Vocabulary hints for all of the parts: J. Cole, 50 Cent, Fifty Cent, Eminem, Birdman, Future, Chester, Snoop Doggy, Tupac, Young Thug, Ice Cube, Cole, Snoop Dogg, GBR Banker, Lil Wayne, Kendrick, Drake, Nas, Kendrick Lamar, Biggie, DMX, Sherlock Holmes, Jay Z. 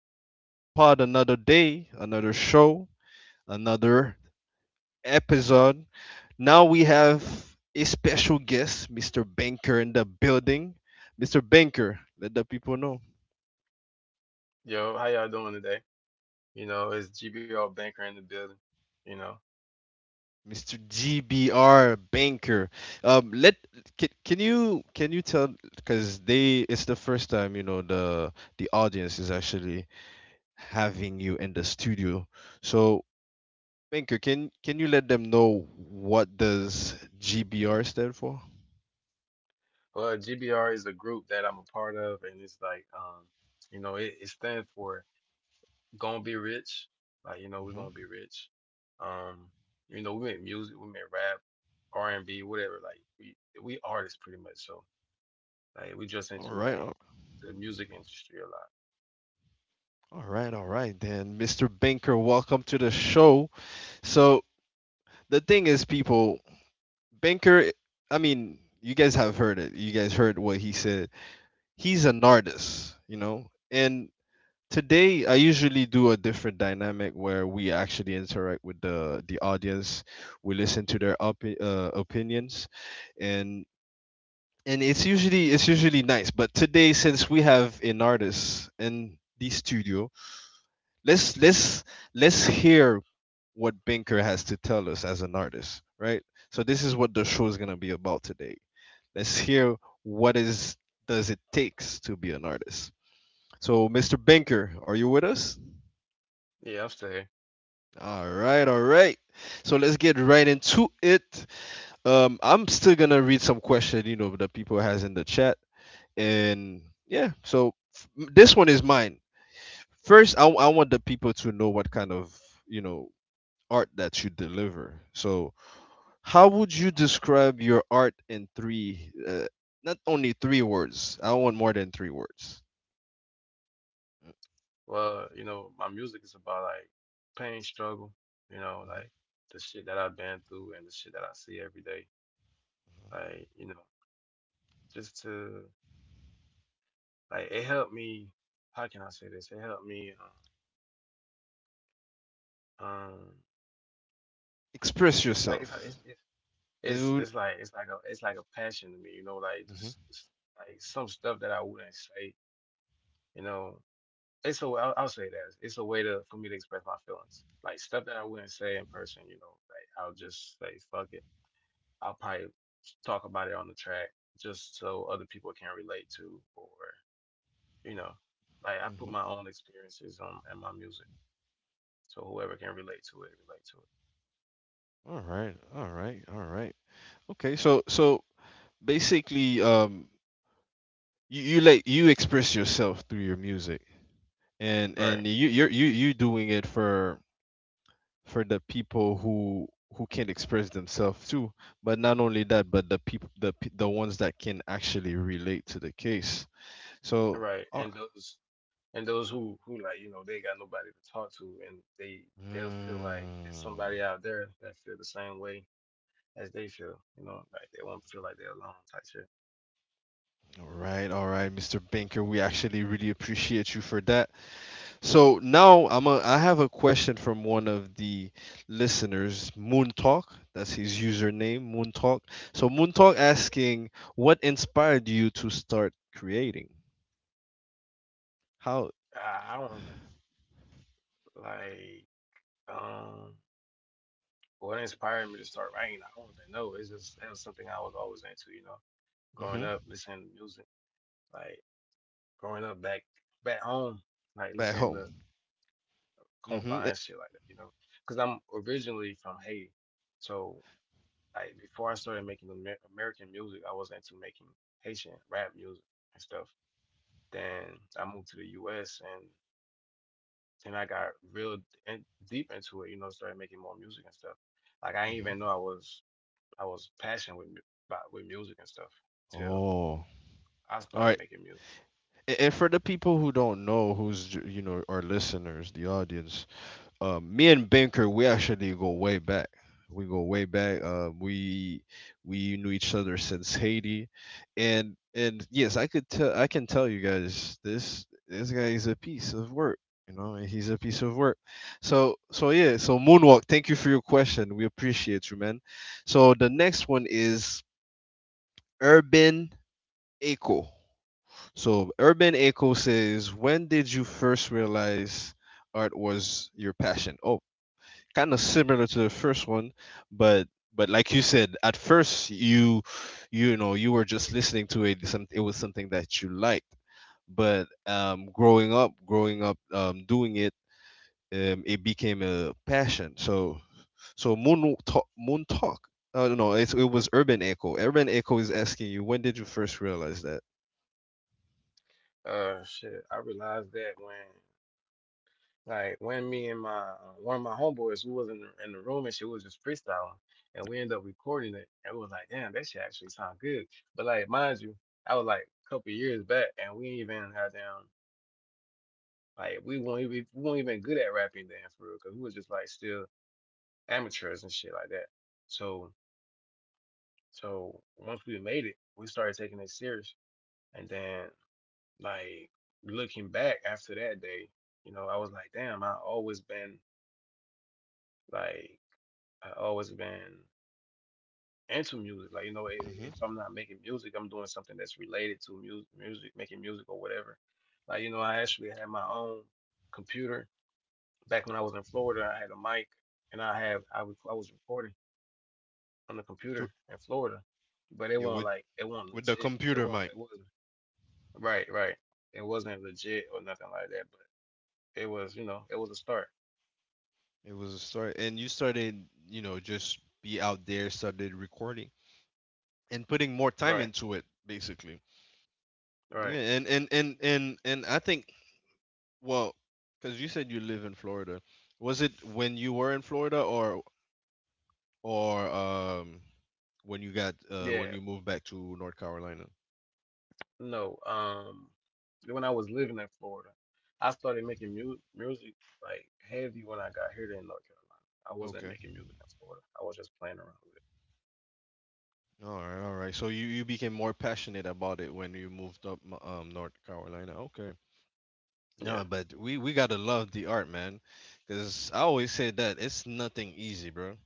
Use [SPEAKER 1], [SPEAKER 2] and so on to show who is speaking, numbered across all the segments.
[SPEAKER 1] with another pod, another day, another show, another episode. Now we have a special guest, Mr. Banker, in the building. Mr. Banker, let the people know.
[SPEAKER 2] Yo, how y'all doing today? It's GBR Banker in the building. You know,
[SPEAKER 1] Mr. GBR Banker. Let Can you tell because they it's the first time the audience is actually having you in the studio. So Binker, can you let them know what does GBR stand for?
[SPEAKER 2] GBR is a group that I'm a part of, and it's like, it stands for gonna be rich. We're
[SPEAKER 1] Mhm.
[SPEAKER 2] gonna be rich. Um, we make music, we make rap, R and B, whatever. Like, we artists pretty much. So, like, we
[SPEAKER 1] All
[SPEAKER 2] just
[SPEAKER 1] right,
[SPEAKER 2] into
[SPEAKER 1] all
[SPEAKER 2] like the music industry a lot.
[SPEAKER 1] all right, all right. Then, Mr. Banker, welcome to the show. So the thing is, people, Banker, I mean, you guys have heard it. You guys heard what he said. He's an artist. And today, I usually do a different dynamic where we actually interact with the audience. We listen to their opinions, and and it's usually nice, but today, since we have an artist in the studio, let's let's let's hear what Binker has to tell us as an artist, right? So this is what the show is going to be about today. Let's hear what is does it takes to be an artist. So Mr. Binker, are you with us?
[SPEAKER 2] Yeah, I'm still here.
[SPEAKER 1] All right, all right. So let's get right into it. I'm still gonna read some question that people has in the chat. And yeah, so this one is mine. First, I want the people to know what kind of you know art that you deliver. So how would you describe your art in three not only three words, I want more than three words.
[SPEAKER 2] Well, you know, my music is about like pain, struggle, you know,
[SPEAKER 1] Mhm.
[SPEAKER 2] like the shit that I've been through and the shit that I see every day. Like, you know, just to like it helped me. How can I say this? It helped me. Um, um
[SPEAKER 1] Express
[SPEAKER 2] like it's
[SPEAKER 1] yourself.
[SPEAKER 2] it's it's
[SPEAKER 1] It
[SPEAKER 2] it's,
[SPEAKER 1] would—
[SPEAKER 2] it's like it's like a passion to me. You know, like
[SPEAKER 1] Mhm.
[SPEAKER 2] like some stuff that I wouldn't say. You know, I'll say that it's a way to for me to express my feelings. Like stuff that I wouldn't say in person. You know, like I'll just say fuck it I'll probably talk about it on the track just so other people can relate to, or you know, like I put my own experiences on in my music, so whoever can relate to it, relate to it.
[SPEAKER 1] All right, all right, all right. Okay, so basically, you express yourself through your music. And you you're, you doing it for the people who can express themselves too. But not only that, but the people the pe- the ones that can actually relate to the case.
[SPEAKER 2] Right,
[SPEAKER 1] So
[SPEAKER 2] right.
[SPEAKER 1] uh,
[SPEAKER 2] And those who like you know they got nobody to talk to, and they'll feel like there's
[SPEAKER 1] mm,
[SPEAKER 2] somebody out there that feel the same way as they feel. You know, like they won't feel like they're alone type shit.
[SPEAKER 1] all right, all right. Mr. Banker, we actually really appreciate you for that. So now I have a question from one of the listeners, Moon Talk. That's his username, Moon Talk. So Moon Talk asking, what inspired you to start creating? How—
[SPEAKER 2] I don't remember. Like, um. What inspired me to start writing? I don't even know. It's just that was something I was always into, you know, growing
[SPEAKER 1] Hmm.
[SPEAKER 2] up, listening to music, like growing up back home, like
[SPEAKER 1] Back
[SPEAKER 2] listening
[SPEAKER 1] home.
[SPEAKER 2] to
[SPEAKER 1] Mm-hmm.
[SPEAKER 2] compa and shit like that, you know, because I'm originally from Haiti, so like before I started making American music, I was into making Haitian rap music and stuff. Then I moved to the U.S. and then I got real in, deep into it, you know, started making more music and stuff. Like I didn't
[SPEAKER 1] Mm-hmm.
[SPEAKER 2] even know I was about with music and stuff till
[SPEAKER 1] Oh,
[SPEAKER 2] I
[SPEAKER 1] all
[SPEAKER 2] started
[SPEAKER 1] right.
[SPEAKER 2] making music.
[SPEAKER 1] And for the people who don't know, our listeners, the audience, me and Binker, we actually go way back. We go way back. We knew each other since Haiti, and yes, I could tell. I can tell you guys this guy is a piece of work. He's a piece of work. So yeah. So Moonwalk, thank you for your question. We appreciate you, man. So the next one is Urban Echo. So Urban Echo says, when did you first realize art was your passion? Oh, kind of similar to the first one, but but like you said, at first you were just listening to it. It was something that you liked, but growing up, doing it, it became a passion. So Moon Talk. No, no, it was Urban Echo. Urban Echo is asking you, when did you first realize that?
[SPEAKER 2] Shit, I realized that when like when me and my one of my homeboys who was in in the room and she was just freestyling and we ended up recording it and we was like, damn, that shit actually sound good. But like, mind you, I was like a couple years back and we ain't even had down like we weren't even good at rapping then for real because we was just like still amateurs and shit like that. So so once we made it, we started taking it serious. And then Like Looking back after that day, you know, I was like, damn, like, I always been into music. Like, you know, if I'm not making music, I'm doing something that's related to music, making music or whatever. Like, you know, I actually had my own computer back when I was in Florida. I had a mic and I was recording on the
[SPEAKER 1] to,
[SPEAKER 2] computer in Florida, but
[SPEAKER 1] yeah, with
[SPEAKER 2] it wasn't
[SPEAKER 1] the
[SPEAKER 2] legit.
[SPEAKER 1] computer, mic.
[SPEAKER 2] It wasn't right. Right. It wasn't legit or nothing like that. But it was, you know, it was a start.
[SPEAKER 1] It was a start, and you started, just be out there, started recording and putting more time
[SPEAKER 2] Right,
[SPEAKER 1] into it, basically. Yeah,
[SPEAKER 2] right.
[SPEAKER 1] and I think, well, because you said you live in Florida, was it when you were in Florida, or or um when you got when
[SPEAKER 2] Yeah,
[SPEAKER 1] you moved back to North Carolina?
[SPEAKER 2] no. When I was living in Florida, I started making mu music like heavy when I got here to North Carolina. I wasn't
[SPEAKER 1] Okay.
[SPEAKER 2] making music in Florida. I was just playing around with
[SPEAKER 1] All right, all right. So you became more passionate about it when you moved up North Carolina. Okay.
[SPEAKER 2] it. Yeah.
[SPEAKER 1] No, but we gotta love the art, man. Cause I always say that it's nothing easy, bro.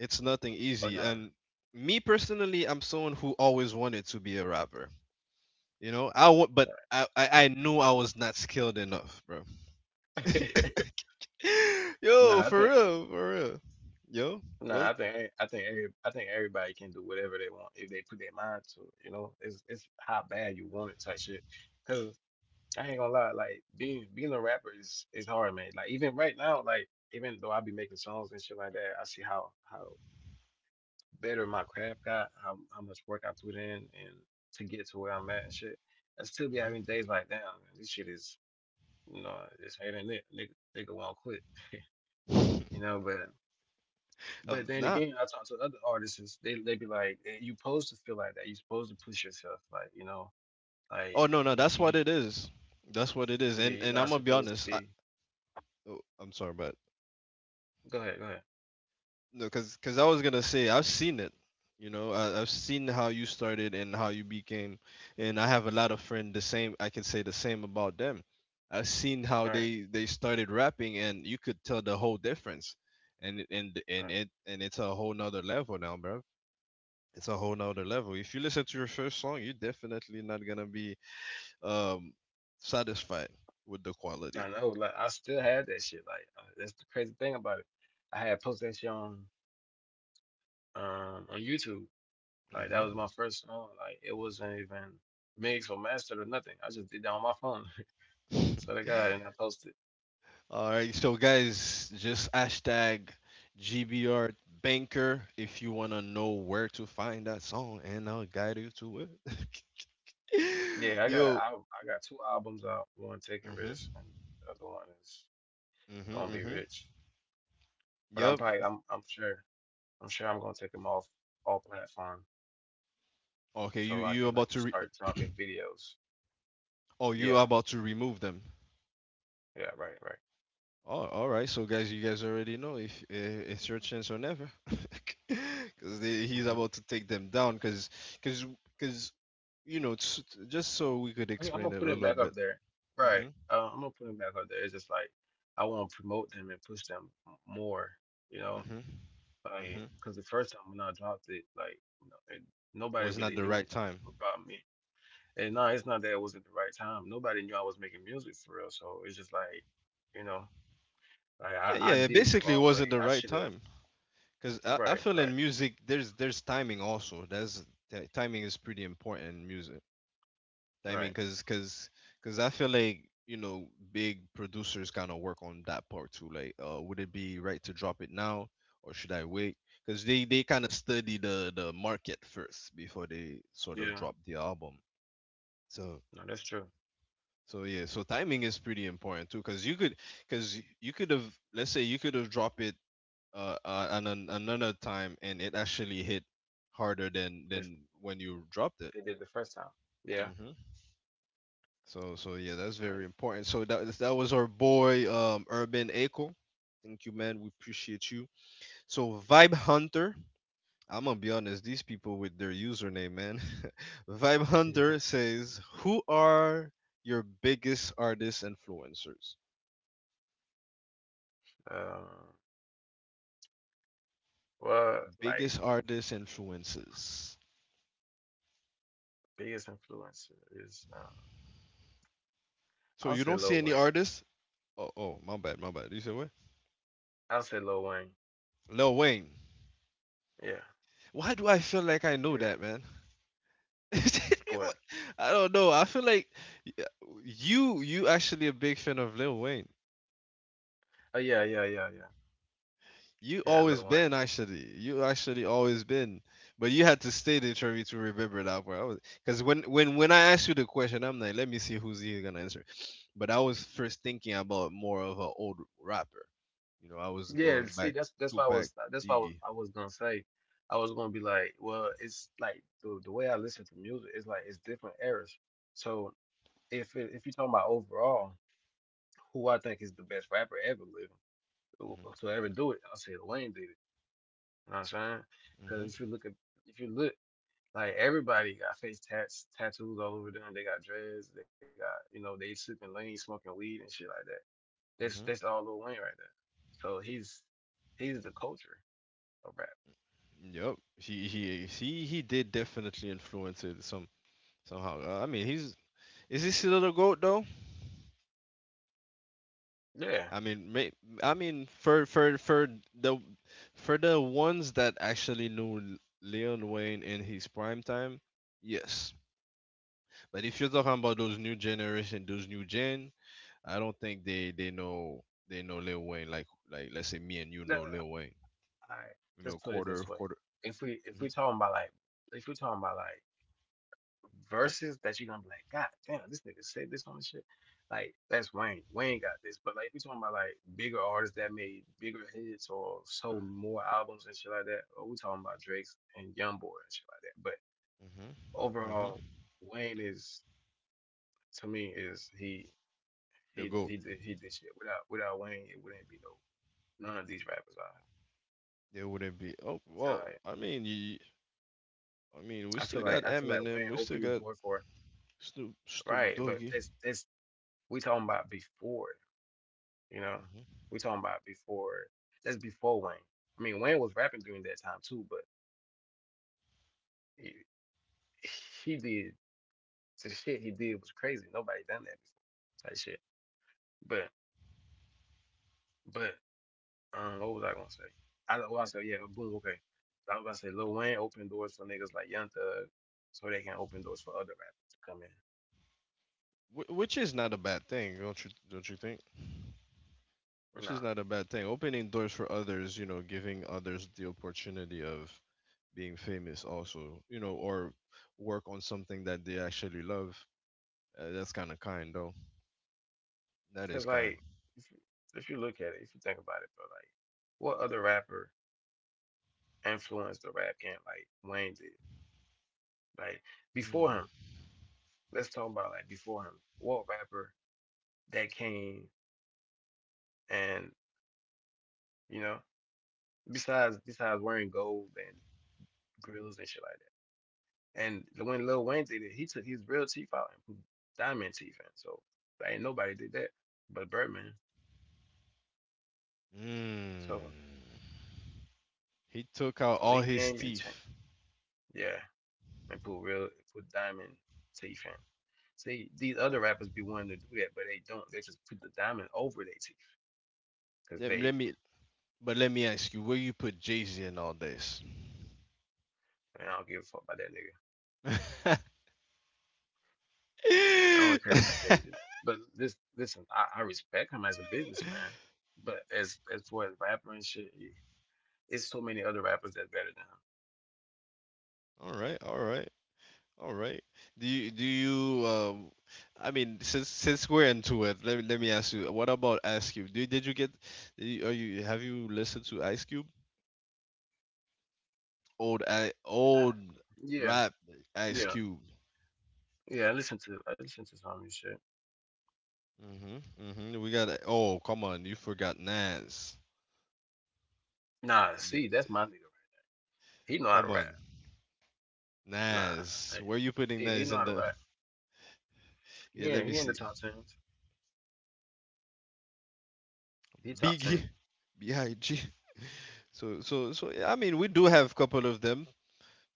[SPEAKER 1] It's nothing
[SPEAKER 2] Oh
[SPEAKER 1] easy,
[SPEAKER 2] nah.
[SPEAKER 1] and me personally, I'm someone who always wanted to be a rapper. You know, but I knew I was not skilled enough, bro.
[SPEAKER 2] Right.
[SPEAKER 1] Yo,
[SPEAKER 2] Nah, I
[SPEAKER 1] for
[SPEAKER 2] think
[SPEAKER 1] real, for real. Yo, what?
[SPEAKER 2] nah, I think I think everybody can do whatever they want if they put their mind to it. You know, it's how bad you want it type shit. I ain't gonna lie, like being a rapper is hard, man. Like even right now, like even though I be making songs and shit like that, I see how better my craft got, how much work I put in, and to get to where I'm at and shit. I still be having days like, damn, man, this shit is, you know, this ain't it. Nigga won't quit,
[SPEAKER 1] Hmm.
[SPEAKER 2] you know. But
[SPEAKER 1] Of
[SPEAKER 2] then
[SPEAKER 1] not.
[SPEAKER 2] again, I talk to other artists, is they be like, "Eh, you supposed to feel like that. You supposed to push yourself, like you know,
[SPEAKER 1] Oh
[SPEAKER 2] like
[SPEAKER 1] no, no,
[SPEAKER 2] you,
[SPEAKER 1] that's
[SPEAKER 2] you
[SPEAKER 1] what
[SPEAKER 2] you-
[SPEAKER 1] it is. That's what it is. And
[SPEAKER 2] you're
[SPEAKER 1] and
[SPEAKER 2] not
[SPEAKER 1] I'm gonna be
[SPEAKER 2] supposed to
[SPEAKER 1] honest. I,
[SPEAKER 2] be.
[SPEAKER 1] oh, I'm sorry, but—
[SPEAKER 2] Go ahead, go ahead.
[SPEAKER 1] No, because I was gonna say I've seen it. You know, I've seen how you started and how you became, and I have a lot of friends the same. I can say the same about them. I've seen how
[SPEAKER 2] All right,
[SPEAKER 1] they started rapping, and you could tell the whole difference. And and
[SPEAKER 2] all
[SPEAKER 1] and
[SPEAKER 2] right.
[SPEAKER 1] it and it's a whole nother level now, bro. It's a whole nother level. If you listen to your first song, you're definitely not gonna be um satisfied with the quality.
[SPEAKER 2] I know, like I still had that shit. That's the crazy thing about it. I had posted that shit on YouTube. Like that was my first song. Like it wasn't even mixed or mastered or nothing. I just did that on my phone. So
[SPEAKER 1] Hmm.
[SPEAKER 2] to God, and I posted.
[SPEAKER 1] All right, so guys, just hashtag GBR Banker if you wanna know where to find that song, and I'll guide you to it.
[SPEAKER 2] Yeah,
[SPEAKER 1] Yo.
[SPEAKER 2] I got two albums out. One taking risks,
[SPEAKER 1] Mhm,
[SPEAKER 2] and the other one is gonna
[SPEAKER 1] mhm,
[SPEAKER 2] be
[SPEAKER 1] mhm.
[SPEAKER 2] rich. But
[SPEAKER 1] Yep.
[SPEAKER 2] I'm sure I'm gonna take them off all platform
[SPEAKER 1] Okay, you
[SPEAKER 2] so I
[SPEAKER 1] you
[SPEAKER 2] can like
[SPEAKER 1] about to re—
[SPEAKER 2] start dropping videos.
[SPEAKER 1] oh, you
[SPEAKER 2] Yeah,
[SPEAKER 1] are about to remove them.
[SPEAKER 2] yeah, right, right.
[SPEAKER 1] Oh, all right. So guys, you guys already know if it's your chance or never, because he's about to take them down. Because because you know, it's, just so we could
[SPEAKER 2] I mean, I'm
[SPEAKER 1] explain
[SPEAKER 2] gonna
[SPEAKER 1] it a
[SPEAKER 2] put him
[SPEAKER 1] little
[SPEAKER 2] back up
[SPEAKER 1] bit.
[SPEAKER 2] there, right?
[SPEAKER 1] Mhm,
[SPEAKER 2] I'm gonna put him back up there. It's just like I want to promote them and push them more, you know,
[SPEAKER 1] mhm.
[SPEAKER 2] like
[SPEAKER 1] Hmm.
[SPEAKER 2] because the first time when I dropped it, like you know, it, nobody
[SPEAKER 1] Was not
[SPEAKER 2] really
[SPEAKER 1] the
[SPEAKER 2] knew
[SPEAKER 1] right time.
[SPEAKER 2] about me. And no, it's not that it wasn't the right time. Nobody knew I was making music for real. So it's just like, you know, like
[SPEAKER 1] Yeah, yeah.
[SPEAKER 2] I
[SPEAKER 1] It
[SPEAKER 2] did it the
[SPEAKER 1] basically
[SPEAKER 2] wrong way.
[SPEAKER 1] wasn't the
[SPEAKER 2] I
[SPEAKER 1] right
[SPEAKER 2] should have.
[SPEAKER 1] time. Cause I
[SPEAKER 2] Right,
[SPEAKER 1] feel
[SPEAKER 2] right,
[SPEAKER 1] in music there's timing also. Timing is pretty important in music. Timing,
[SPEAKER 2] right.
[SPEAKER 1] cause I feel like big producers kind of work on that part too. Like, would it be right to drop it now, or should I wait? Cause they kind of study the market first before they sort of
[SPEAKER 2] Yeah,
[SPEAKER 1] drop the album. So.
[SPEAKER 2] no, that's true.
[SPEAKER 1] So yeah, so timing is pretty important too, because you could have — let's say you could have dropped it on another time, and it actually hit harder
[SPEAKER 2] If
[SPEAKER 1] than when you dropped it.
[SPEAKER 2] they did the first time, yeah,
[SPEAKER 1] Hmm. So yeah, that's very
[SPEAKER 2] right.
[SPEAKER 1] important. So that was our boy Urban Echo. Thank you, man. We appreciate you. So Vibe Hunter, I'm gonna be honest, these people with their username, man. Vibe Hunter says, who are your biggest artist influencers?
[SPEAKER 2] Um, well, like.
[SPEAKER 1] Biggest artist influences.
[SPEAKER 2] Biggest influencer is
[SPEAKER 1] So
[SPEAKER 2] I'll
[SPEAKER 1] you
[SPEAKER 2] say
[SPEAKER 1] don't see
[SPEAKER 2] Lil
[SPEAKER 1] any
[SPEAKER 2] Wayne.
[SPEAKER 1] artists? Oh, oh, my bad, my bad. You said what?
[SPEAKER 2] I'll say Lil Wayne.
[SPEAKER 1] Lil Wayne.
[SPEAKER 2] Yeah.
[SPEAKER 1] Why do I feel like I know
[SPEAKER 2] Yeah.
[SPEAKER 1] that, man?
[SPEAKER 2] What?
[SPEAKER 1] I don't know. I feel like y- you actually a big fan of Lil Wayne.
[SPEAKER 2] Oh
[SPEAKER 1] You
[SPEAKER 2] yeah. Lil
[SPEAKER 1] always
[SPEAKER 2] Wayne.
[SPEAKER 1] been, actually. You actually always been, but you had to stay the for to remember that part. Because when I asked you the question, I'm like, let me see who's he gonna answer. But I was first thinking about more of an old rapper. You know, I was
[SPEAKER 2] Yeah.
[SPEAKER 1] going
[SPEAKER 2] See,
[SPEAKER 1] back—
[SPEAKER 2] that's why I
[SPEAKER 1] Tupac,
[SPEAKER 2] was that's why
[SPEAKER 1] Biggie.
[SPEAKER 2] I was gonna say I was gonna be like, well, it's like the way I listen to music is like it's different eras. So if you're talking about overall, who I think is the best rapper ever living to ever do it, I'll say Lil Wayne did it. You know what I'm saying?
[SPEAKER 1] Hmm.
[SPEAKER 2] Because if you look Like everybody got face tats, tattoos all over them. They got dreads. They got you know they sipping lean, smoking weed and shit like that. That's
[SPEAKER 1] Hmm.
[SPEAKER 2] all Lil Wayne right there. So he's the culture of rap.
[SPEAKER 1] Hmm. Yep, he did definitely influence it somehow. I mean, he's is he still the goat though?
[SPEAKER 2] Yeah.
[SPEAKER 1] I mean, I mean, for the for the ones that actually knew Leon Wayne in his prime time, yes. But if you're talking about those new generation, I don't think they know Lil Wayne like let's say me and you
[SPEAKER 2] All
[SPEAKER 1] know Lil Wayne,
[SPEAKER 2] right. Let's put it
[SPEAKER 1] quarter
[SPEAKER 2] this way.
[SPEAKER 1] quarter.
[SPEAKER 2] If
[SPEAKER 1] Hmm.
[SPEAKER 2] we talking about like verses that you're gonna be like, God damn, this nigga said this on the shit. Like, that's Wayne. Wayne got this. But like if you're talking about like bigger artists that made bigger hits or sold more albums and shit like that, or we're talking about Drake's and Youngboy and shit like that. But
[SPEAKER 1] Hmm. Hmm.
[SPEAKER 2] overall, Wayne is to me is
[SPEAKER 1] The goat.
[SPEAKER 2] he did shit. Without Wayne it wouldn't be none of these rappers out
[SPEAKER 1] There wouldn't be.
[SPEAKER 2] here.
[SPEAKER 1] Oh well, I mean, I mean, we still
[SPEAKER 2] I
[SPEAKER 1] got
[SPEAKER 2] feel like Wayne
[SPEAKER 1] Eminem, we
[SPEAKER 2] opened
[SPEAKER 1] still
[SPEAKER 2] the
[SPEAKER 1] got
[SPEAKER 2] door for
[SPEAKER 1] Snoop
[SPEAKER 2] right, but
[SPEAKER 1] Doggy.
[SPEAKER 2] this we talking about before. You know,
[SPEAKER 1] Mm-hmm.
[SPEAKER 2] we talking about before. That's before Wayne. I mean, Wayne was rapping during that time too, but he, he did the shit he did was crazy. Nobody done that before. Type shit. But but What was I gonna say? I said yeah, boom, okay. I was gonna say Lil Wayne opened doors for niggas like Young Thug, so they can open doors for other rappers to come in.
[SPEAKER 1] Which is not a bad thing, don't you? Don't you think? Which
[SPEAKER 2] Nah,
[SPEAKER 1] is not a bad thing. Opening doors for others, giving others the opportunity of being famous, also, or work on something that they actually love. That's kind of kind, though. That
[SPEAKER 2] cause
[SPEAKER 1] is kind.
[SPEAKER 2] like if you, if you look at it, if you think about it, bro, like what other rapper influenced the rap game like Wayne did? Like before him. Let's talk about like before him. What rapper that came and you know besides wearing gold and grills and shit like that. And when Lil Wayne did it, he took his real teeth out and put diamond teeth in. So like, ain't nobody did that but Birdman. So
[SPEAKER 1] Mm. He took out
[SPEAKER 2] so
[SPEAKER 1] all
[SPEAKER 2] he
[SPEAKER 1] his
[SPEAKER 2] came and changed,
[SPEAKER 1] teeth.
[SPEAKER 2] yeah, and put real put diamond teeth in. See, these other rappers be wanting to do that, but they don't. They just put the diamond over their teeth because
[SPEAKER 1] Let,
[SPEAKER 2] they.
[SPEAKER 1] let me, but let me ask you, where you put Jay Z in all this?
[SPEAKER 2] And I don't give a fuck about that nigga. I don't care about Jay Z, man. But this, listen, I respect him as a businessman. But as far as rapper and shit, he- it's so many other rappers that's better than him.
[SPEAKER 1] All right, all right. All right. Do you I mean, since we're into it, let me ask you, what about Ice Cube? Do you- are you Have you listened to Ice Cube?
[SPEAKER 2] I,
[SPEAKER 1] Old
[SPEAKER 2] yeah,
[SPEAKER 1] rap Ice
[SPEAKER 2] yeah,
[SPEAKER 1] Cube.
[SPEAKER 2] yeah. I listen to some of his shit.
[SPEAKER 1] Mhm. Mhm. We got Oh, come on. You forgot Nas.
[SPEAKER 2] Nah,
[SPEAKER 1] Th-
[SPEAKER 2] see, that's my nigga. He know how to
[SPEAKER 1] Come
[SPEAKER 2] rap.
[SPEAKER 1] on.
[SPEAKER 2] Nah,
[SPEAKER 1] Nas.
[SPEAKER 2] man.
[SPEAKER 1] Where you putting
[SPEAKER 2] He
[SPEAKER 1] Nas
[SPEAKER 2] know
[SPEAKER 1] in
[SPEAKER 2] how to
[SPEAKER 1] the—
[SPEAKER 2] rap. He
[SPEAKER 1] Yeah,
[SPEAKER 2] in,
[SPEAKER 1] let me
[SPEAKER 2] he in the
[SPEAKER 1] see.
[SPEAKER 2] top tens. He top
[SPEAKER 1] Biggie.
[SPEAKER 2] ten.
[SPEAKER 1] BIG. So yeah, I mean, we do have a couple of them.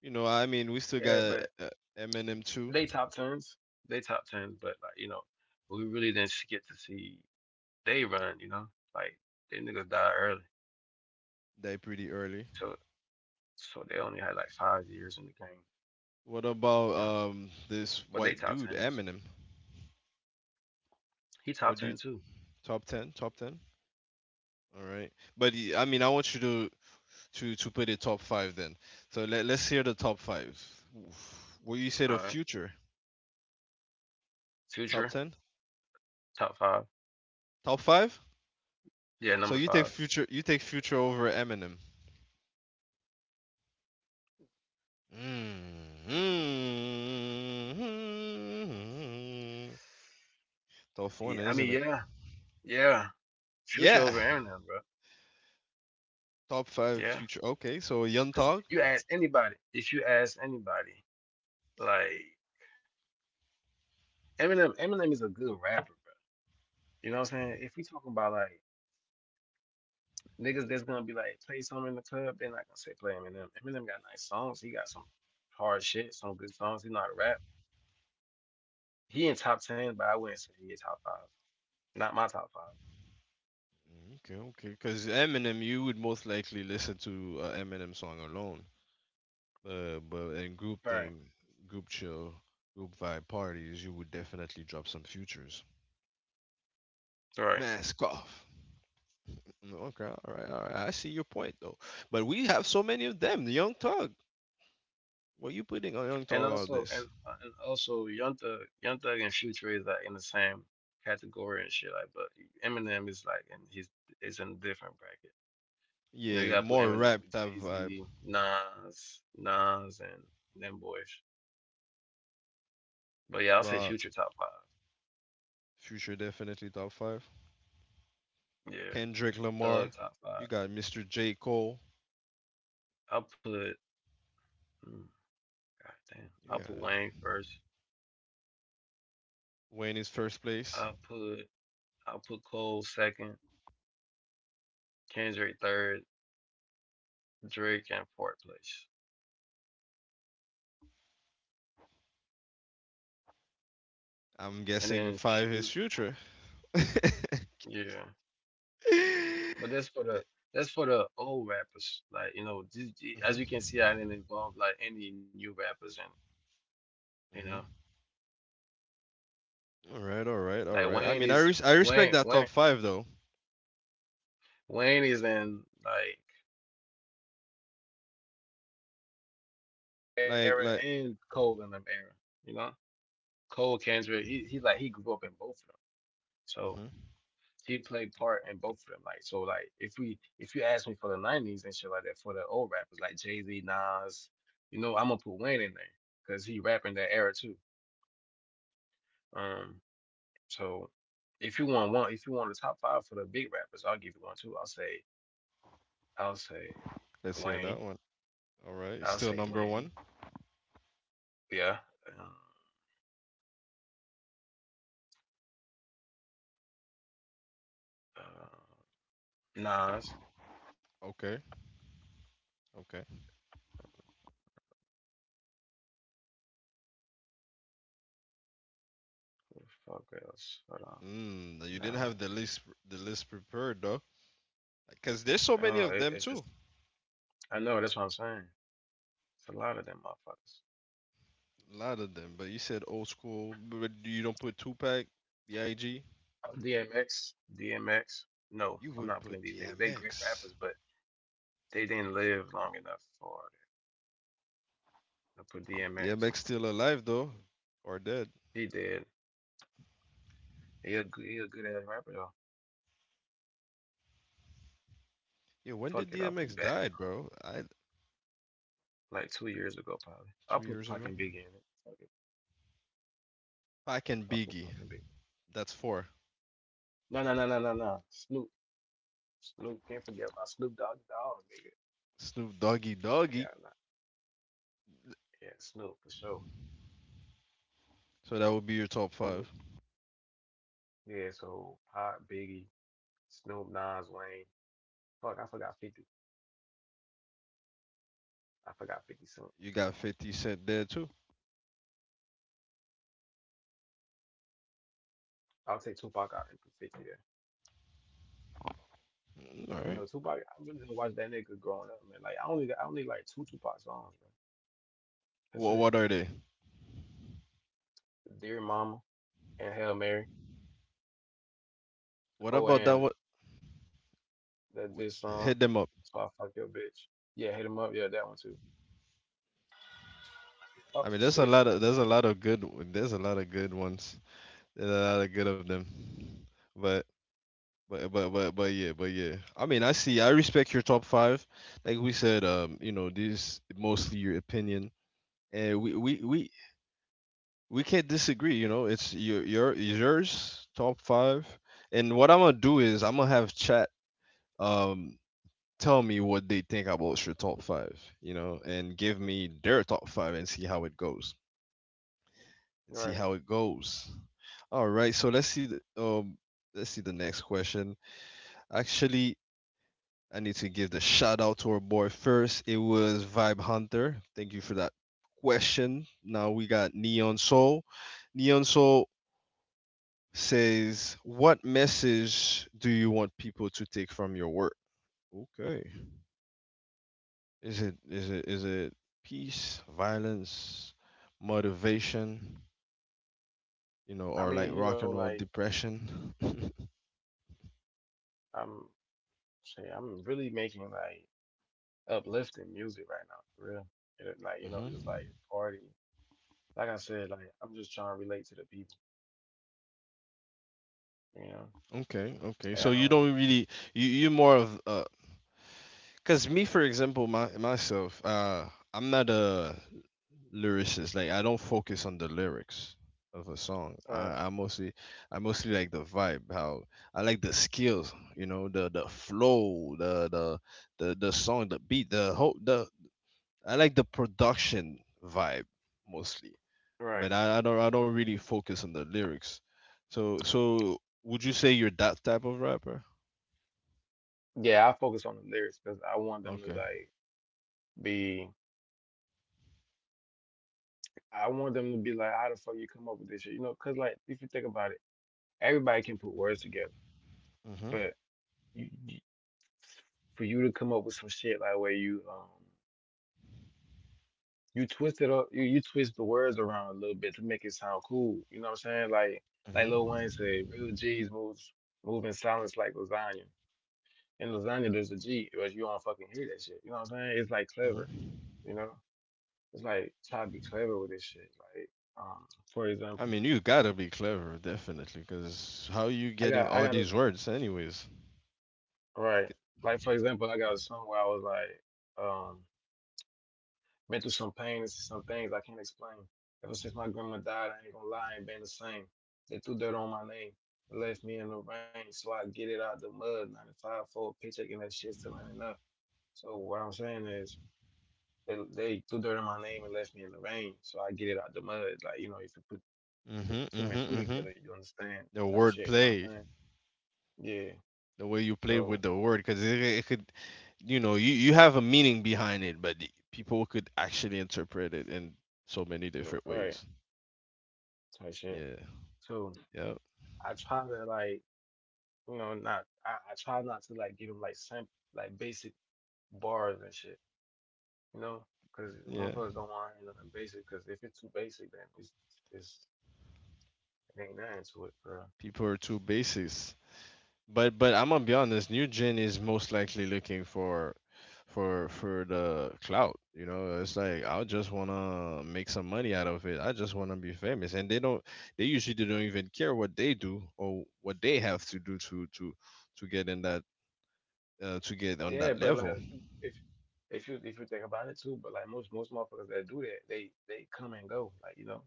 [SPEAKER 1] You know, I mean, we still
[SPEAKER 2] Yeah,
[SPEAKER 1] got
[SPEAKER 2] but
[SPEAKER 1] Eminem too.
[SPEAKER 2] they top tens. They top tens. But like you know, we really didn't get to see they run. You know, like they niggas die early.
[SPEAKER 1] Die pretty early.
[SPEAKER 2] So. So they only had like 5 years in the game,
[SPEAKER 1] What about
[SPEAKER 2] you know.
[SPEAKER 1] this
[SPEAKER 2] But they
[SPEAKER 1] white
[SPEAKER 2] top
[SPEAKER 1] dude
[SPEAKER 2] tens.
[SPEAKER 1] Eminem?
[SPEAKER 2] He top
[SPEAKER 1] What do you—
[SPEAKER 2] ten too.
[SPEAKER 1] top ten? Top ten. All right, but I mean, I want you to put it top five then. So let's hear the top five. What you say the
[SPEAKER 2] All right.
[SPEAKER 1] future? Top
[SPEAKER 2] Future
[SPEAKER 1] ten?
[SPEAKER 2] top five.
[SPEAKER 1] Top five?
[SPEAKER 2] Yeah, number
[SPEAKER 1] So you take
[SPEAKER 2] five.
[SPEAKER 1] future you take future over Eminem. Hmm Tough one,
[SPEAKER 2] Yeah, I mean,
[SPEAKER 1] isn't it?
[SPEAKER 2] yeah, yeah. Future
[SPEAKER 1] Yeah.
[SPEAKER 2] over Eminem, bro.
[SPEAKER 1] Top five
[SPEAKER 2] Yeah,
[SPEAKER 1] future. Okay, so Young
[SPEAKER 2] because
[SPEAKER 1] Thug.
[SPEAKER 2] you ask anybody, if you ask anybody, like Eminem is a good rapper, bro. You know what I'm saying? If we talking about like niggas that's gonna be like play something in the club, they're not gonna say play Eminem. Eminem got nice songs. He got some hard shit, some good songs. He know how to rap. He in top ten, but I wouldn't say he in top five. Not my top five.
[SPEAKER 1] Okay, okay. Because Eminem, you would most likely listen to a Eminem song alone. But in group
[SPEAKER 2] Right.
[SPEAKER 1] thing, group chill, group vibe parties, you would definitely drop some futures.
[SPEAKER 2] Right.
[SPEAKER 1] Mask off. Okay, all right, all right. I see your point though. But we have so many of them. The Young Thug. What you putting on Young
[SPEAKER 2] And
[SPEAKER 1] Thug all
[SPEAKER 2] also, and
[SPEAKER 1] this?
[SPEAKER 2] uh, and also, Young Thug, Young Thug and Future is like in the same category and shit. Like, but Eminem is like, and he's it's in a different bracket. You know, you
[SPEAKER 1] Yeah,
[SPEAKER 2] gotta put
[SPEAKER 1] more
[SPEAKER 2] Eminem
[SPEAKER 1] rap
[SPEAKER 2] with
[SPEAKER 1] type
[SPEAKER 2] Jay
[SPEAKER 1] vibe.
[SPEAKER 2] Z, Nas, and them boys. But yeah, I'll say
[SPEAKER 1] Uh,
[SPEAKER 2] Future top five.
[SPEAKER 1] Future definitely top five.
[SPEAKER 2] Yeah,
[SPEAKER 1] Kendrick Lamar.
[SPEAKER 2] Thug top
[SPEAKER 1] You
[SPEAKER 2] five.
[SPEAKER 1] got Mr. J. Cole.
[SPEAKER 2] I'll put, mm, God damn,
[SPEAKER 1] You
[SPEAKER 2] I'll
[SPEAKER 1] got
[SPEAKER 2] put Wayne first.
[SPEAKER 1] Wayne is first place.
[SPEAKER 2] I'll put I'll put Cole second, Kendrick third, Drake and fourth place.
[SPEAKER 1] I'm
[SPEAKER 2] And
[SPEAKER 1] guessing
[SPEAKER 2] then
[SPEAKER 1] five is
[SPEAKER 2] few
[SPEAKER 1] future.
[SPEAKER 2] yeah but that's for the old rappers, like you know this,
[SPEAKER 1] Mhm.
[SPEAKER 2] as you can see I didn't involve like any new rappers in it, you know.
[SPEAKER 1] Mhm. All right, all right, all
[SPEAKER 2] Like
[SPEAKER 1] right. I
[SPEAKER 2] Wayne
[SPEAKER 1] mean,
[SPEAKER 2] is
[SPEAKER 1] I respect
[SPEAKER 2] wayne
[SPEAKER 1] that top
[SPEAKER 2] wayne
[SPEAKER 1] five though.
[SPEAKER 2] wayne is in like
[SPEAKER 1] Like
[SPEAKER 2] era,
[SPEAKER 1] like.
[SPEAKER 2] and Cole in them era, you know. Cole, Kendrick, he like he grew up in both of them, so
[SPEAKER 1] Mhm.
[SPEAKER 2] he played part in both of them. Like, so like if we if you ask me for the 90s and shit like that for the old rappers, like Jay-Z, Nas, you know I'm gonna put Wayne in there because he rapping that era too. Um, so if you want one, if you want the top five for the big rappers, I'll give you one too. I'll say
[SPEAKER 1] Let's hear that
[SPEAKER 2] Wayne.
[SPEAKER 1] one. All right, it's
[SPEAKER 2] I'll
[SPEAKER 1] still
[SPEAKER 2] say
[SPEAKER 1] number one.
[SPEAKER 2] Wayne. Yeah. Um, Nas.
[SPEAKER 1] Okay, okay.
[SPEAKER 2] What the fuck else? Hold on.
[SPEAKER 1] You didn't
[SPEAKER 2] Nah.
[SPEAKER 1] have the list prepared though, because there's so many
[SPEAKER 2] Oh,
[SPEAKER 1] of
[SPEAKER 2] it,
[SPEAKER 1] them
[SPEAKER 2] it just.
[SPEAKER 1] too.
[SPEAKER 2] I know. That's what I'm saying. It's a lot of them motherfuckers.
[SPEAKER 1] A lot of them, but you said old school, but you don't put Tupac, Big.
[SPEAKER 2] DMX. DMX. No,
[SPEAKER 1] You
[SPEAKER 2] I'm
[SPEAKER 1] would
[SPEAKER 2] not putting
[SPEAKER 1] put
[SPEAKER 2] these niggas. They great
[SPEAKER 1] DMX.
[SPEAKER 2] rappers, but they didn't live long enough for it. I put DMX.
[SPEAKER 1] DMX still alive though, or dead?
[SPEAKER 2] He did. He a good ass rapper though.
[SPEAKER 1] Yo, when did
[SPEAKER 2] Fuck it, I'll
[SPEAKER 1] DMX
[SPEAKER 2] put back
[SPEAKER 1] died, bro? I
[SPEAKER 2] like 2 years ago probably. I'll
[SPEAKER 1] two
[SPEAKER 2] put
[SPEAKER 1] years
[SPEAKER 2] Pac
[SPEAKER 1] ago.
[SPEAKER 2] and Biggie in it. Fuck it,
[SPEAKER 1] Pac and
[SPEAKER 2] I'll put
[SPEAKER 1] Biggie.
[SPEAKER 2] Pac and Biggie.
[SPEAKER 1] That's four.
[SPEAKER 2] No. Snoop, can't forget about Snoop Dogg, dog nigga.
[SPEAKER 1] Snoop Doggy Doggy.
[SPEAKER 2] Yeah, nah, yeah, Snoop for sure.
[SPEAKER 1] So that would be your top five.
[SPEAKER 2] Snoop, yeah. So Pac, Biggie, Snoop, Nas, Wayne. Fuck, I forgot 50. I forgot 50 Cent.
[SPEAKER 1] You got 50 Cent there too.
[SPEAKER 2] I'll take Tupac out and put 50 there.
[SPEAKER 1] All
[SPEAKER 2] Cause you
[SPEAKER 1] right.
[SPEAKER 2] know Tupac, I really just watch that nigga growing up, man. Like I only like two Tupac songs, man. That's
[SPEAKER 1] Well,
[SPEAKER 2] it.
[SPEAKER 1] what are they?
[SPEAKER 2] Dear Mama and Hail Mary.
[SPEAKER 1] What
[SPEAKER 2] Oh,
[SPEAKER 1] about that?
[SPEAKER 2] and
[SPEAKER 1] What
[SPEAKER 2] That this
[SPEAKER 1] hit
[SPEAKER 2] song.
[SPEAKER 1] them up?
[SPEAKER 2] That's why I fuck your bitch. Yeah, hit him up. Yeah, that one too. Oh
[SPEAKER 1] I mean, there's a
[SPEAKER 2] shit.
[SPEAKER 1] lot of there's a lot of good there's a lot of good ones. There's a lot of good of them. But but yeah. I mean, I see. I respect your top five. Like we said, this is mostly your opinion, and we can't disagree. You know, it's yours top five. And what I'm gonna do is I'm gonna have chat um tell me what they think about your top five. You know, and give me their top five and see how it goes. And see
[SPEAKER 2] Right.
[SPEAKER 1] how it goes. All right. So let's see. Let's see the next question. Actually, I need to give the shout out to our boy first. It was Vibe Hunter. Thank you for that question. Now we got Neon Soul. Neon Soul says, "What message do you want people to take from your work?" Okay. Is it peace, violence, motivation,
[SPEAKER 2] I
[SPEAKER 1] or like
[SPEAKER 2] mean, you know,
[SPEAKER 1] rock and roll
[SPEAKER 2] like
[SPEAKER 1] depression?
[SPEAKER 2] I'm I'm really making like uplifting music right now, for real. And it, like, you know, just like party. Like I said, like I'm just trying to relate to the people, you know.
[SPEAKER 1] Okay, okay.
[SPEAKER 2] And
[SPEAKER 1] So
[SPEAKER 2] I
[SPEAKER 1] you
[SPEAKER 2] don't.
[SPEAKER 1] don't really you more of cause me for example my myself I'm not a lyricist. Like I don't focus on the lyrics of a song.
[SPEAKER 2] Right,
[SPEAKER 1] I mostly like the vibe, how I like the skills, the flow, the song, the beat, the whole the I like the production vibe mostly.
[SPEAKER 2] right.
[SPEAKER 1] But I don't really focus on the lyrics. So would you say you're that type of rapper?
[SPEAKER 2] Yeah, I focus on the lyrics because I want them to
[SPEAKER 1] Okay.
[SPEAKER 2] like be I want them to be like, how the fuck you come up with this shit? You know, because like if you think about it, everybody can put words together,
[SPEAKER 1] Mhm.
[SPEAKER 2] but you, for you to come up with some shit like where you twist it up, you twist the words around a little bit to make it sound cool. You know what I'm saying? Like Lil
[SPEAKER 1] Mhm.
[SPEAKER 2] Wayne said, real G's move in silence like lasagna. In lasagna there's a G, or you don't fucking hear that shit. You know what I'm saying? It's like clever,
[SPEAKER 1] Mhm.
[SPEAKER 2] you know? It's like try to be clever with this shit. Like, um, for
[SPEAKER 1] I
[SPEAKER 2] example,
[SPEAKER 1] mean, you gotta be clever, definitely, because how you getting
[SPEAKER 2] I
[SPEAKER 1] all
[SPEAKER 2] got a
[SPEAKER 1] these words, anyways?
[SPEAKER 2] right. Like for example, I got a song where I was like, Been through some pain and some things I can't explain. Ever since my grandma died, I ain't gonna lie, I ain't been the same. They threw dirt on my name and left me in the rain, so I get it out the mud. 95 for a paycheck and that shit still ain't enough. So what I'm saying is, they threw dirt on my name and left me in the rain, so I get it out the mud. Like, you know, if you put two,
[SPEAKER 1] Mhm,
[SPEAKER 2] two and two
[SPEAKER 1] mhm, mhm.
[SPEAKER 2] together, you understand
[SPEAKER 1] The
[SPEAKER 2] type
[SPEAKER 1] word
[SPEAKER 2] shit, you know
[SPEAKER 1] play,
[SPEAKER 2] what I'm saying? Yeah.
[SPEAKER 1] the way you play with
[SPEAKER 2] So,
[SPEAKER 1] the word, because it could, you have a meaning behind it, but people could actually interpret it in so many different
[SPEAKER 2] right,
[SPEAKER 1] ways.
[SPEAKER 2] type shit.
[SPEAKER 1] Yeah,
[SPEAKER 2] So
[SPEAKER 1] yeah,
[SPEAKER 2] I try to like, you know, not, I try not to like give them like simple like basic bars and shit, you know, because
[SPEAKER 1] yeah.
[SPEAKER 2] motherfuckers don't want to hear nothing basic. Because if it's too basic, then it's it ain't nothing to it, bro.
[SPEAKER 1] People are too basis. But I'm gonna be honest, New Gen is most likely looking for for the clout. You know, it's like I just wanna make some money out of it. I just wanna be famous. And they usually don't even care what they do or what they have to do to get in that to get on
[SPEAKER 2] Yeah,
[SPEAKER 1] that
[SPEAKER 2] but like
[SPEAKER 1] level.
[SPEAKER 2] if you think about it too, but like most motherfuckers that do that, they come and go, like you know,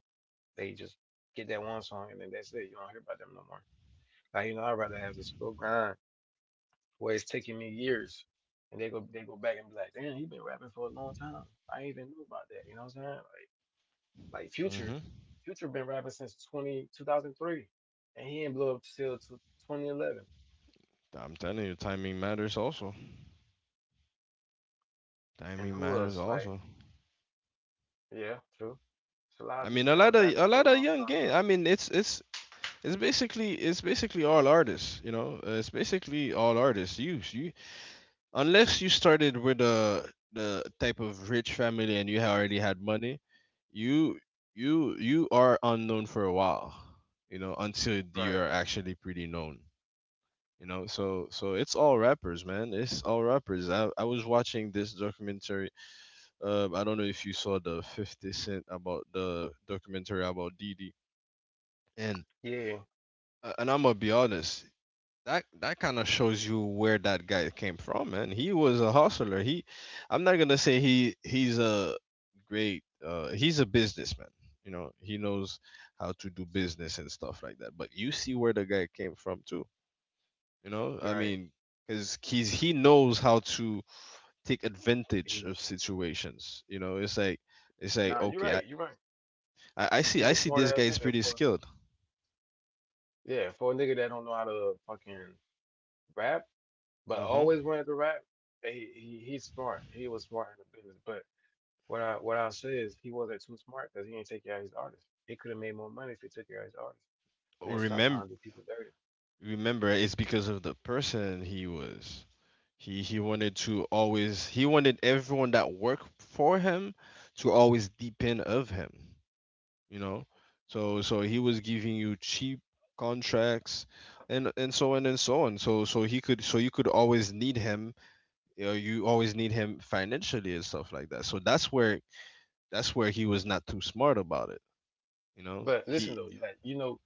[SPEAKER 2] they just get that one song and then that's it. You don't hear about them no more. Like you know, I'd rather have the slow grind where it's taking me years. And they go back and be like, "Damn, he been rapping for a long time. I ain't even knew about that." You know what I'm saying? Like like Future,
[SPEAKER 1] hmm
[SPEAKER 2] Future been rapping since 20 2003, and he didn't blow up till 2011.
[SPEAKER 1] I'm telling you, timing matters also.
[SPEAKER 2] And
[SPEAKER 1] Timing
[SPEAKER 2] who
[SPEAKER 1] matters
[SPEAKER 2] else? Like,
[SPEAKER 1] also.
[SPEAKER 2] yeah, true. It's a lot of
[SPEAKER 1] I
[SPEAKER 2] people
[SPEAKER 1] mean,
[SPEAKER 2] that
[SPEAKER 1] a
[SPEAKER 2] was
[SPEAKER 1] lot of
[SPEAKER 2] rapping
[SPEAKER 1] a
[SPEAKER 2] for a
[SPEAKER 1] lot of
[SPEAKER 2] long
[SPEAKER 1] young
[SPEAKER 2] time.
[SPEAKER 1] game. I mean, it's basically all artists, you know. It's basically all artists. You unless you started with a the type of rich family and you already had money, you you are unknown for a while, until
[SPEAKER 2] Bro.
[SPEAKER 1] you
[SPEAKER 2] Right.
[SPEAKER 1] are actually pretty known. So it's all rappers, man. It's all rappers. I was watching this documentary. I don't know if you saw the 50 Cent about the documentary about Didi and.
[SPEAKER 2] Yeah.
[SPEAKER 1] And I'm gonna be honest. That kind of shows you where that guy came from, man. He was a hustler. I'm not gonna say he's a great. He's a businessman. You know, he knows how to do business and stuff like that. But you see where the guy came from too. You know, I
[SPEAKER 2] Right.
[SPEAKER 1] mean, because he knows how to take advantage
[SPEAKER 2] He.
[SPEAKER 1] of situations. You know, it's like
[SPEAKER 2] Nah, you're
[SPEAKER 1] okay, I
[SPEAKER 2] right. You're right.
[SPEAKER 1] I, I see
[SPEAKER 2] He's
[SPEAKER 1] I
[SPEAKER 2] a
[SPEAKER 1] see
[SPEAKER 2] smart
[SPEAKER 1] this guy
[SPEAKER 2] ass
[SPEAKER 1] is
[SPEAKER 2] nigga
[SPEAKER 1] pretty
[SPEAKER 2] for.
[SPEAKER 1] skilled.
[SPEAKER 2] Yeah, for a nigga that don't know how to fucking rap, but
[SPEAKER 1] Mm-hmm.
[SPEAKER 2] always wanted to rap. He's smart. He was smart in the business, but what I say is he wasn't too smart because he didn't take care of his artists. He could have made more money if he took care of his artists. Man, stop
[SPEAKER 1] Remember
[SPEAKER 2] trying to do people dirty.
[SPEAKER 1] remember it's because of the person he was. He wanted everyone that worked for him to always depend of him, you know. So he was giving you cheap contracts and so on and so on. So you could always need him, you always need him financially and stuff like that. So that's where he was not too smart about it.
[SPEAKER 2] But listen
[SPEAKER 1] He.
[SPEAKER 2] though, like you know,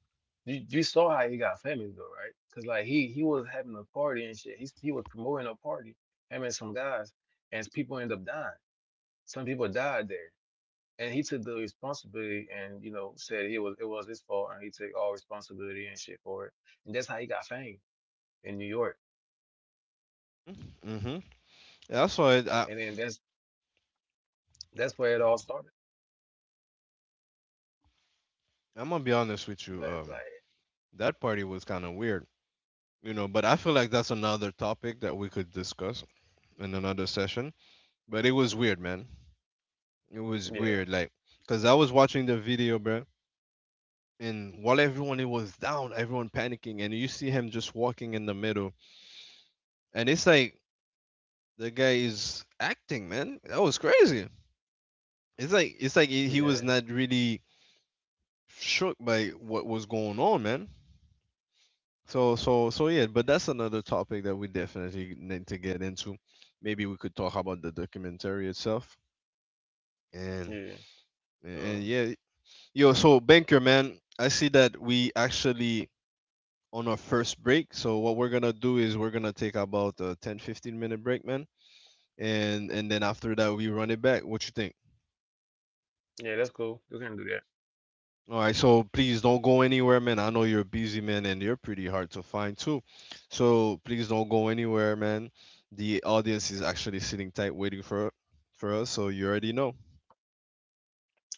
[SPEAKER 2] you saw how he got famous though, right? Because like he was having a party and shit. He was promoting a party, him and some guys, and people end up dying. Some people died there, and he took the responsibility and you know said it was his fault, and he took all responsibility and shit for it. And that's how he got fame in New York.
[SPEAKER 1] Mm-hmm. That's why I,
[SPEAKER 2] And then that's where it all started.
[SPEAKER 1] I'm gonna be honest with you.
[SPEAKER 2] But like,
[SPEAKER 1] That party was kind of weird. But I feel like that's another topic that we could discuss in another session, but it was weird, man. It was
[SPEAKER 2] yeah,
[SPEAKER 1] weird, like, because I was watching the video, bro. And while everyone it was down, everyone panicking, and you see him just walking in the middle. And it's like the guy is acting, man. That was crazy. It's like he was
[SPEAKER 2] yeah,
[SPEAKER 1] not really shook by what was going on, man. So yeah, but that's another topic that we definitely need to get into. Maybe we could talk about the documentary itself. And
[SPEAKER 2] yeah,
[SPEAKER 1] and
[SPEAKER 2] um,
[SPEAKER 1] yeah, yo, so Banker man, I see that we actually on our first break. So what we're gonna do is we're gonna take about a 10, 15-minute break, man. And then after that we run it back. What you think?
[SPEAKER 2] yeah. That's cool. You can do that.
[SPEAKER 1] All right, so please don't go anywhere, man. I know you're busy, man, and you're pretty hard to find too. So please don't go anywhere, man. The audience is actually sitting tight waiting for us, so you already know.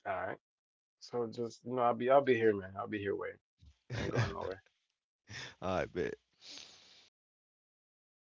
[SPEAKER 2] All right. So just you know, I'll be here, man. I'll be here waiting. I ain't going nowhere.
[SPEAKER 1] All right, bet. Yeah.